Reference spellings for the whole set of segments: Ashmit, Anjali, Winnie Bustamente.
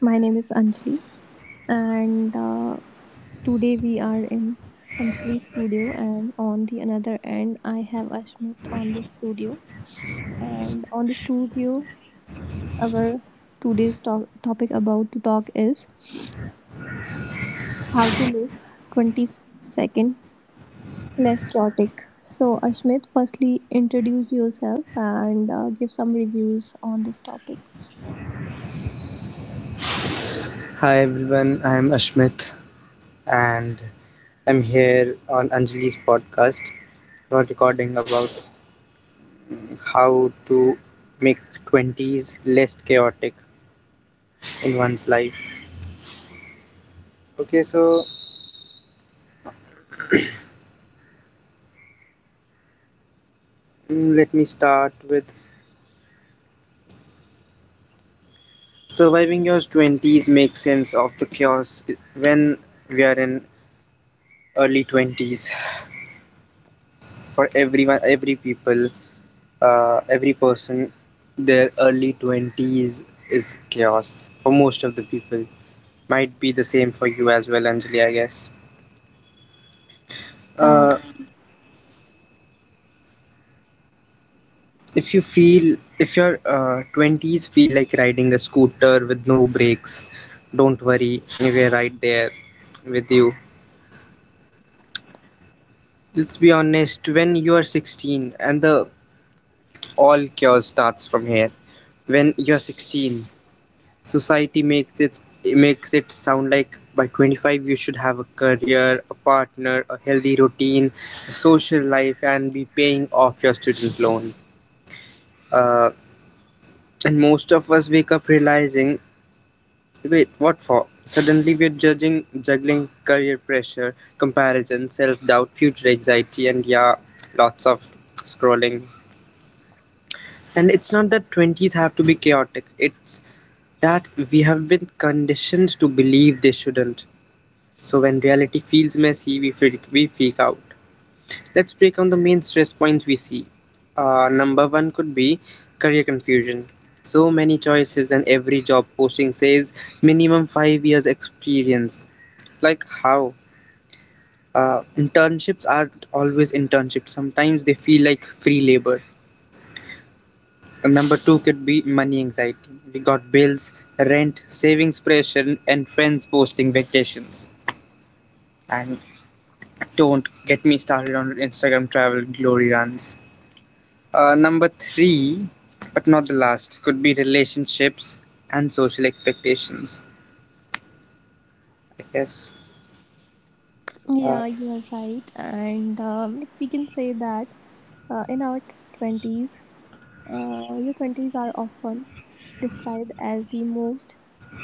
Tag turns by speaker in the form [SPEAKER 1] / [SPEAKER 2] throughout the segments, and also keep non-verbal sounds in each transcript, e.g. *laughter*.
[SPEAKER 1] My name is Anjali, and today we are in Anjali studio. And on the another end, I have Ashmit on the studio. And on the studio, our today's topic about to talk is how to make 22nd less chaotic. So, Ashmit, firstly introduce yourself and give some reviews on this topic.
[SPEAKER 2] Hi everyone, I'm Ashmit and I'm here on Anjali's podcast. We're recording about how to make 20s less chaotic in one's life. Okay, so let me start with surviving your 20s makes sense of the chaos when we are in early 20s. *sighs* For everyone, every people, every person, their early 20s is chaos for most of the people. Might be the same for you as well, Anjali, I guess.
[SPEAKER 1] Yeah,
[SPEAKER 2] Uh, if you feel, if your 20s feel like riding a scooter with no brakes, don't worry, we are right there with you. Let's be honest, when you are 16, and the all cure starts from here, when you're 16, society makes it sound like by 25 you should have a career, a partner, a healthy routine, a social life, and be paying off your student loan. Uh, And most of us wake up realizing, wait, what for? Suddenly juggling career pressure, comparison, self doubt, future anxiety, and yeah, lots of scrolling. And it's not that 20s have to be chaotic, it's that we have been conditioned to believe they shouldn't. So when reality feels messy, we freak out. Let's break down the main stress points we see. Number one could be career confusion. So many choices, and every job posting says minimum 5 years experience. Like, how? Internships aren't always internships, sometimes they feel like free labor. And number two could be money anxiety. We got bills, rent, savings pressure, and friends posting vacations. And don't get me started on Instagram travel glory runs. Number three, but not the last, could be relationships and social expectations, I guess. Uh,
[SPEAKER 1] Yeah, you are right. And like we can say that in our 20s, your 20s are often described as the most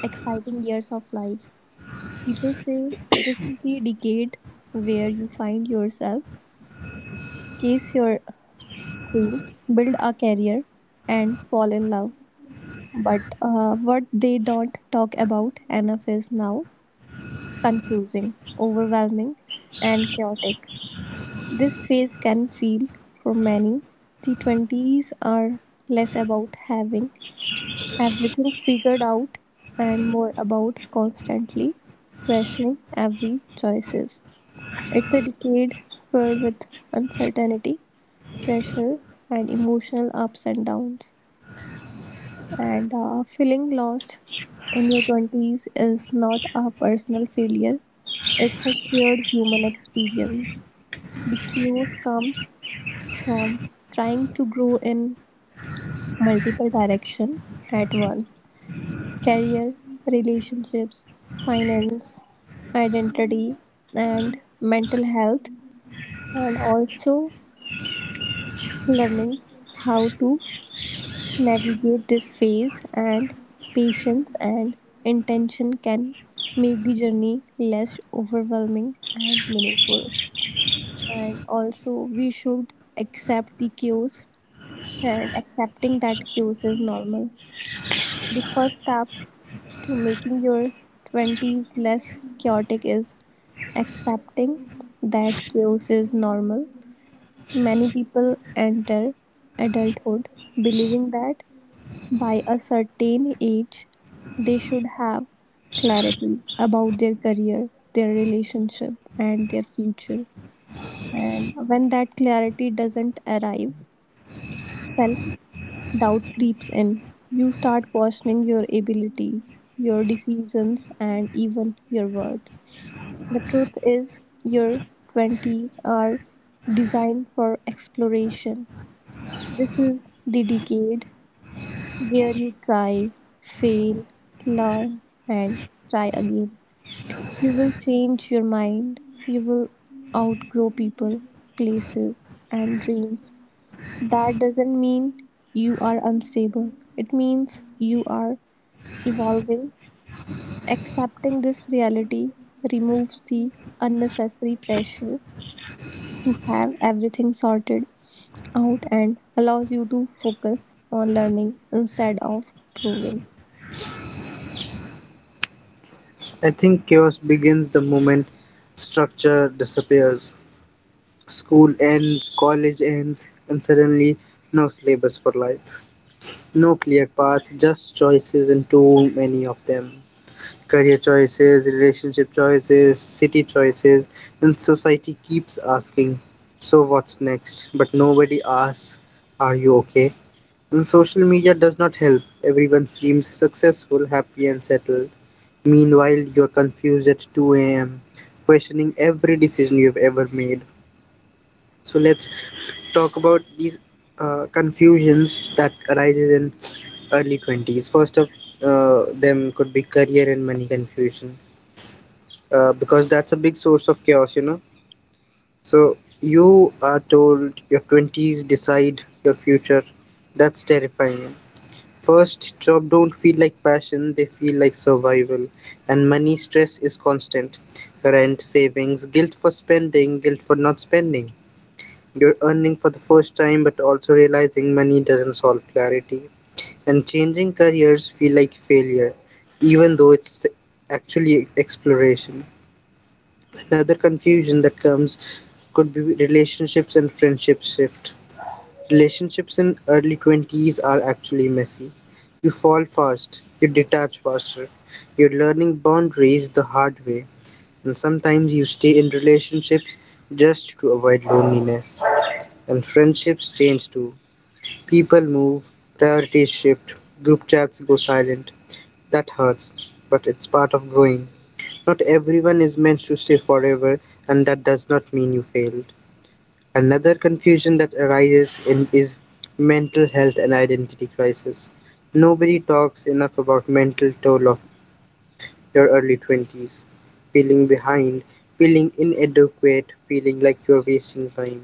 [SPEAKER 1] exciting years of life. People say this is the decade where you find yourself, chase your dreams, build a career, and fall in love. But what they don't talk about enough is now confusing, overwhelming, and chaotic. This phase can feel, for many, the 20s are less about having everything figured out and more about constantly questioning every choices. It's a decade filled with uncertainty, pressure, and emotional ups and downs. And Feeling lost in your 20s is not a personal failure, it's a shared human experience. The chaos comes from trying to grow in multiple direction at once: career, relationships, finance, identity, and mental health, and also learning how to navigate this phase, and patience and intention can make the journey less overwhelming and meaningful. And also we should accept the cues, and accepting that cues is normal. The first step to making your 20s less chaotic is accepting that chaos is normal. Many people enter adulthood believing that by a certain age they should have clarity about their career, their relationship, and their future. And when that clarity doesn't arrive, self doubt creeps in. You start questioning your abilities, your decisions, and even your worth. The truth is, your 20s are designed for exploration. This is the decade where you try, fail, learn, and try again. You will change your mind, you will outgrow people, places, and dreams. That doesn't mean you are unstable. It means you are evolving. Accepting this reality removes the unnecessary pressure to have everything sorted out and allows you to focus on learning instead of proving.
[SPEAKER 2] I think chaos begins the moment structure disappears. School ends, college ends, and suddenly no syllabus for life. No clear path, just choices, and too many of them. Career choices, relationship choices, city choices, and society keeps asking, "So what's next?" But nobody asks, "Are you okay?" And social media does not help. Everyone seems successful, happy, and settled. Meanwhile, you're confused at 2 a.m., questioning every decision you've ever made. So let's talk about these confusions that arises in early 20s. First of them could be career and money confusion, because that's a big source of chaos. So you are told your 20s decide your future. That's terrifying. First, job don't feel like passion, they feel like survival. And money stress is constant. Rent, savings, guilt for spending, guilt for not spending. You're earning for the first time but also realizing money doesn't solve clarity. And changing careers feel like failure, even though it's actually exploration. Another confusion that comes could be relationships and friendship shift. Relationships in early 20s are actually messy. You fall fast, you detach faster, you're learning boundaries the hard way, and sometimes you stay in relationships just to avoid loneliness. And friendships change too. People move, priorities shift, group chats go silent. That hurts, but it's part of growing. Not everyone is meant to stay forever, and that does not mean you failed. Another confusion that arises in is mental health and identity crisis. Nobody talks enough about mental toll of your early 20s, feeling behind, feeling inadequate, feeling like you're wasting time.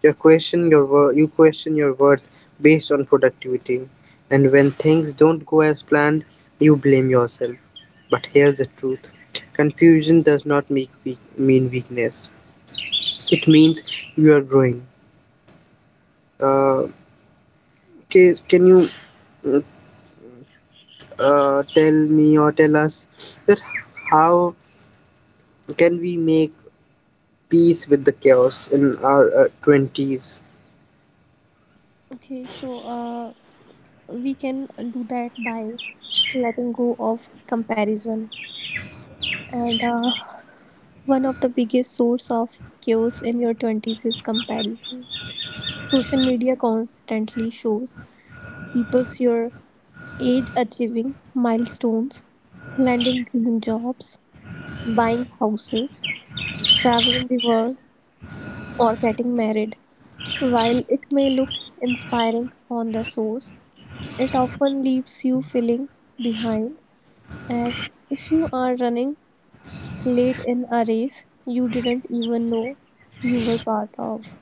[SPEAKER 2] You question your worth based on productivity, and when things don't go as planned, you blame yourself. But here's the truth. Confusion does not mean weakness. It means you are growing. Uh, can you tell me or tell us that how can we make peace with the chaos in our 20s?
[SPEAKER 1] Okay, so we can do that by letting go of comparison. And One of the biggest source of chaos in your 20s is comparison. Social media constantly shows people your age achieving milestones, landing dream jobs, buying houses, traveling the world, or getting married. While it may look inspiring on the source, it often leaves you feeling behind, as if you are running late in a race you didn't even know you were part of.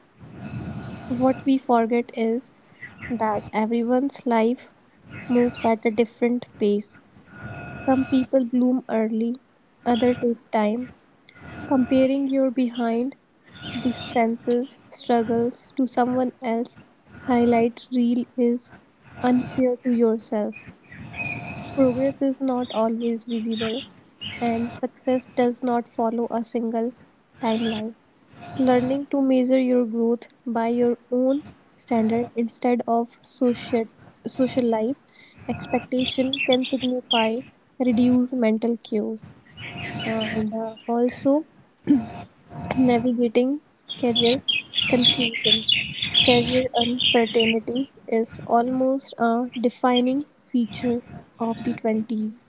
[SPEAKER 1] What we forget is that everyone's life moves at a different pace. Some people bloom early, others take time. Comparing your behind the senses struggles to someone else highlight reel is unfair to yourself. Progress is not always visible and success does not follow a single timeline. Learning to measure your growth by your own standard instead of social life expectation can signify reduce mental chaos. And Also navigating career confusion. Career uncertainty is almost a defining feature of the 20s.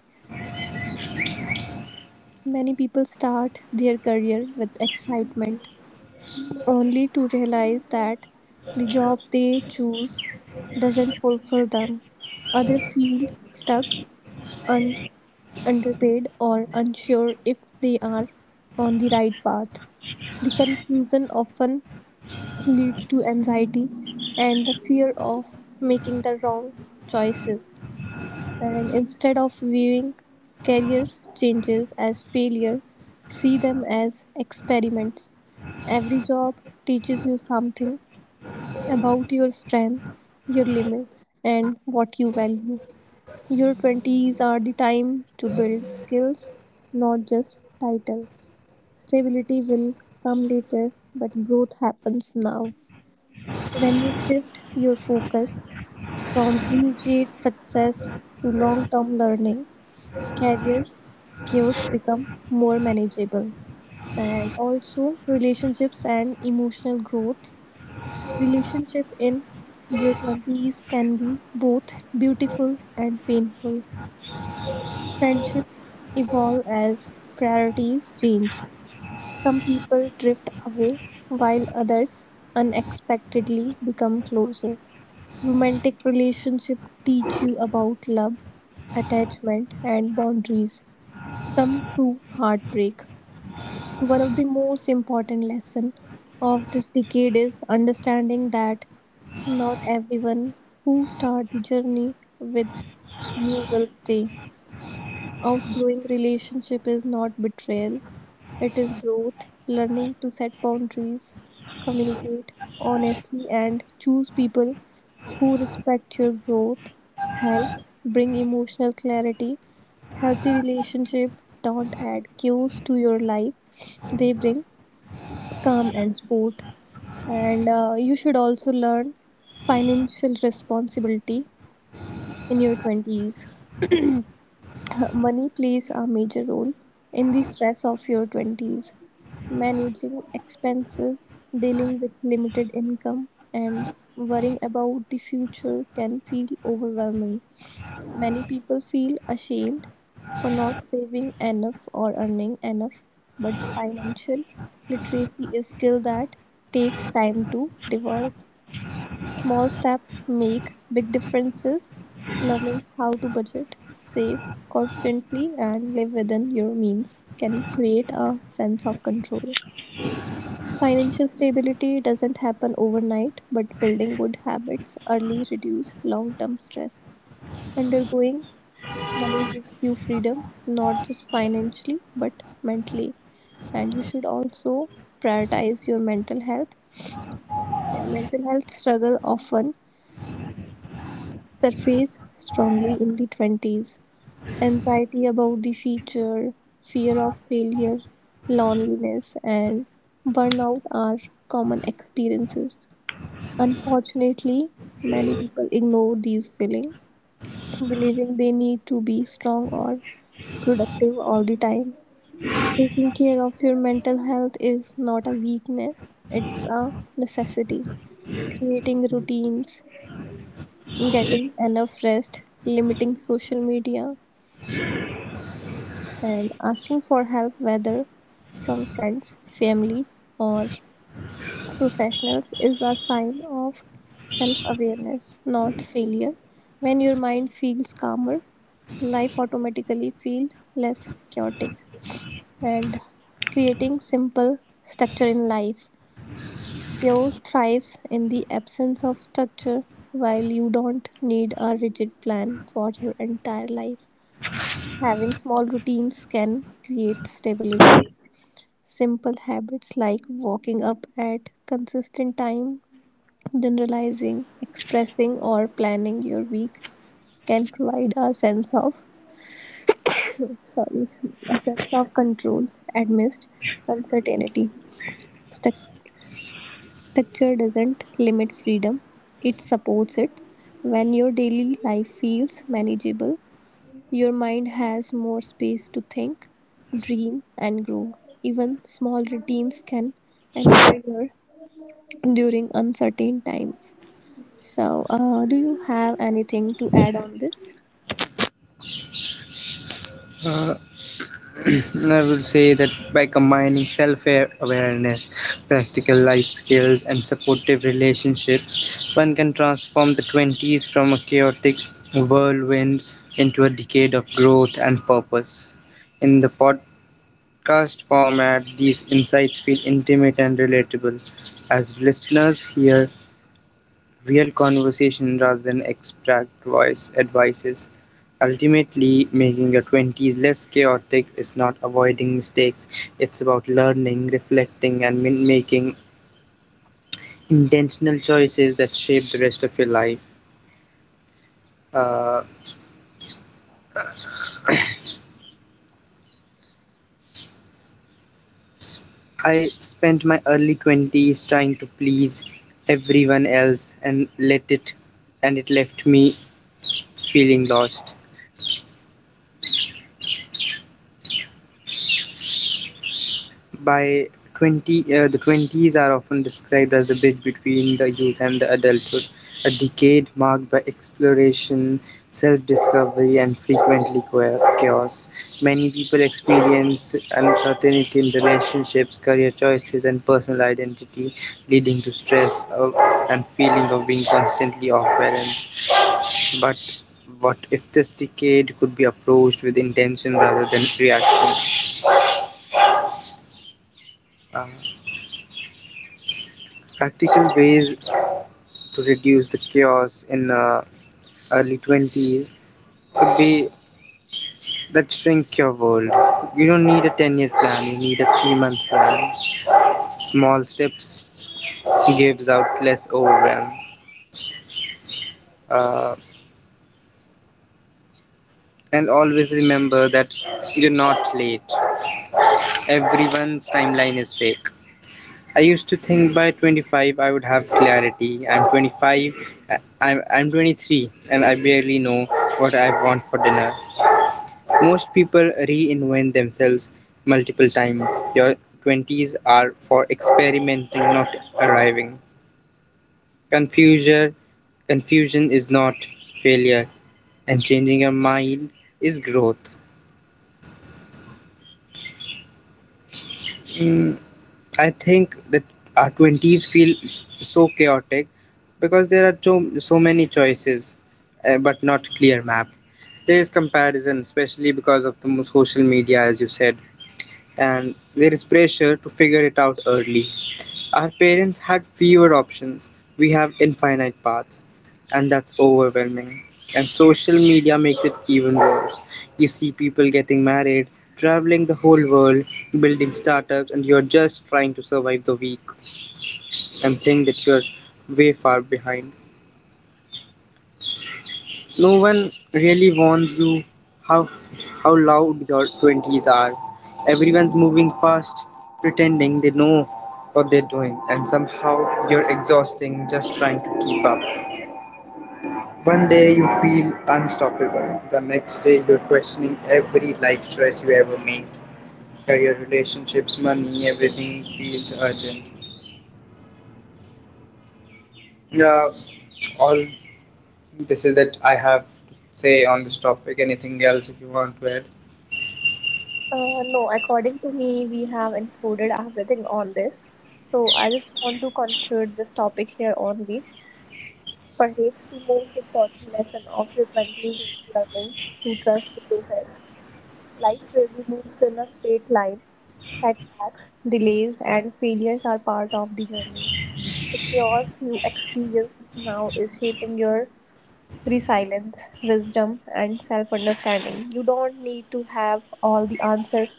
[SPEAKER 1] Many people start their career with excitement, only to realize that the job they choose doesn't fulfill them. Others feel stuck, un- underpaid, or unsure if they are on the right path. The confusion often leads to anxiety and the fear of making the wrong choices. And instead of viewing career changes as failure, see them as experiments. Every job teaches you something about your strength, your limits, and what you value. Your 20s are the time to build skills, not just title. Stability will come later, but growth happens now. When you shift your focus from immediate success to long term learning, career chaos become more manageable. And also relationships and emotional growth. Relationship in your 20s can be both beautiful and painful. Friendship evolve as priorities change. Some people drift away while others unexpectedly become closer. Romantic relationship teach you about love, attachment and boundaries, some through heartbreak. One of the most important lessons of this decade is understanding that not everyone who starts the journey with you will stay. Outgrowing relationship is not betrayal. It is growth. Learning to set boundaries, communicate honestly, and choose people who respect your growth, help bring emotional clarity. Healthy relationship don't add cues to your life, they bring calm and sport. And You should also learn financial responsibility in your 20s. *laughs* *clears throat* Money plays a major role in the stress of your 20s. Managing expenses, dealing with limited income, and worrying about the future can feel overwhelming. Many people feel ashamed for not saving enough or earning enough, but financial literacy is skill that takes time to develop. Small steps make big differences. Learning how to budget, save constantly, and live within your means can create a sense of control. Financial stability doesn't happen overnight, but building good habits early reduce long-term stress. Undergoing money gives you freedom, not just financially, but mentally. And you should also prioritize your mental health. And mental health struggle often surface strongly in the 20s. Anxiety about the future, fear of failure, loneliness, and burnout are common experiences. Unfortunately, many people ignore these feelings, believing they need to be strong or productive all the time. Taking care of your mental health is not a weakness, it's a necessity. Creating routines, getting enough rest, limiting social media, and asking for help, whether from friends, family, or professionals, is a sign of self awareness, not failure. When your mind feels calmer, life automatically feels less chaotic. And creating simple structure in life. Chaos thrives in the absence of structure. While you don't need a rigid plan for your entire life, having small routines can create stability. Simple habits like waking up at consistent time, generalizing, expressing or planning your week can provide a sense of sorry, a sense of control amidst uncertainty. Structure doesn't limit freedom, it supports it. When your daily life feels manageable, your mind has more space to think, dream, and grow. Even small routines can anchor you during uncertain times. So, do you have anything to add on this?
[SPEAKER 2] Uh, *clears throat* I would say that by combining self awareness, practical life skills, and supportive relationships, one can transform the 20s from a chaotic whirlwind into a decade of growth and purpose. In the podcast format, these insights feel intimate and relatable. As listeners hear real conversation rather than abstract voice advices. Ultimately, making your 20s less chaotic is not avoiding mistakes, it's about learning, reflecting, and making intentional choices that shape the rest of your life. Uh, I spent my early 20s trying to please everyone else and it left me feeling lost. By 20, uh, the 20s are often described as the bridge between the youth and the adulthood, a decade marked by exploration, self discovery, and frequently chaos. Many people experience uncertainty in relationships, career choices, and personal identity, leading to stress and feeling of being constantly off balance. But what if this decade could be approached with intention rather than reaction? Uh, practical ways to reduce the chaos in the early 20s could be that shrink your world. You don't need a 10-year plan, you need a 3-month plan. Small steps gives out less overwhelm. Uh, and always remember that you're not late. Everyone's timeline is fake. I used to think by 25 I would have clarity. I'm 25, I'm 23, and I barely know what I want for dinner. Most people reinvent themselves multiple times. Your twenties are for experimenting, not arriving. Confusion Confusion is not failure, and changing your mind is growth. Mm, I think that our twenties feel so chaotic because there are so, so many choices, but not clear map. There is comparison, especially because of the social media, as you said, and there is pressure to figure it out early. Our parents had fewer options, we have infinite paths, and that's overwhelming. And social media makes it even worse. You see people getting married, traveling the whole world, building startups, and you're just trying to survive the week and think that you're way far behind. No one really warns you how how loud your twenties are. Everyone's moving fast, pretending they know what they're doing, and somehow you're exhausting just trying to keep up. One day you feel unstoppable. The next day you're questioning every life choice you ever made. Career, relationships, money, everything feels urgent. Yeah, all this is that I have to say on this topic. Anything else if you want to add?
[SPEAKER 1] No, according to me, we have included everything on this. So I just want to conclude this topic here only. Perhaps the most important lesson of your 20s is learning to trust the process. Life rarely moves in a straight line. Setbacks, delays, and failures are part of the journey. The chaos you experience now is shaping your resilience, wisdom, and self understanding. You don't need to have all the answers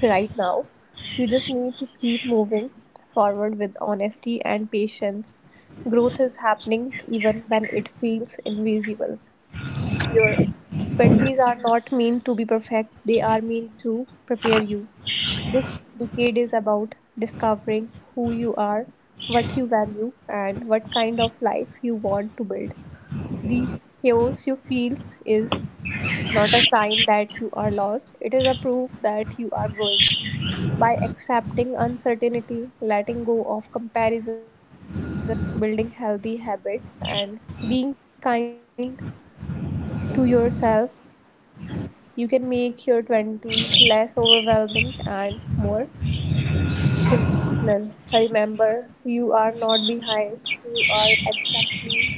[SPEAKER 1] right now. You just need to keep moving forward with honesty and patience. Growth is happening even when it feels invisible. Your 20s are not meant to be perfect, they are meant to prepare you. This decade is about discovering who you are, what you value, and what kind of life you want to build. The chaos you feel is not a sign that you are lost, it is a proof that you are growing. By accepting uncertainty, letting go of comparison, building healthy habits, and being kind to yourself, you can make your 20s less overwhelming and more intentional. Remember, you are not behind, you are exactly where you need to be learning, evolving, and becoming.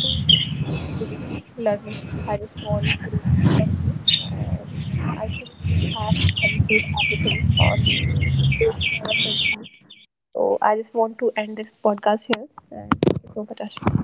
[SPEAKER 1] These are some words I just want to add on this. And I think we have concluded everything on the growth in our country. So I just want to end this podcast here. And it's over, Tasha.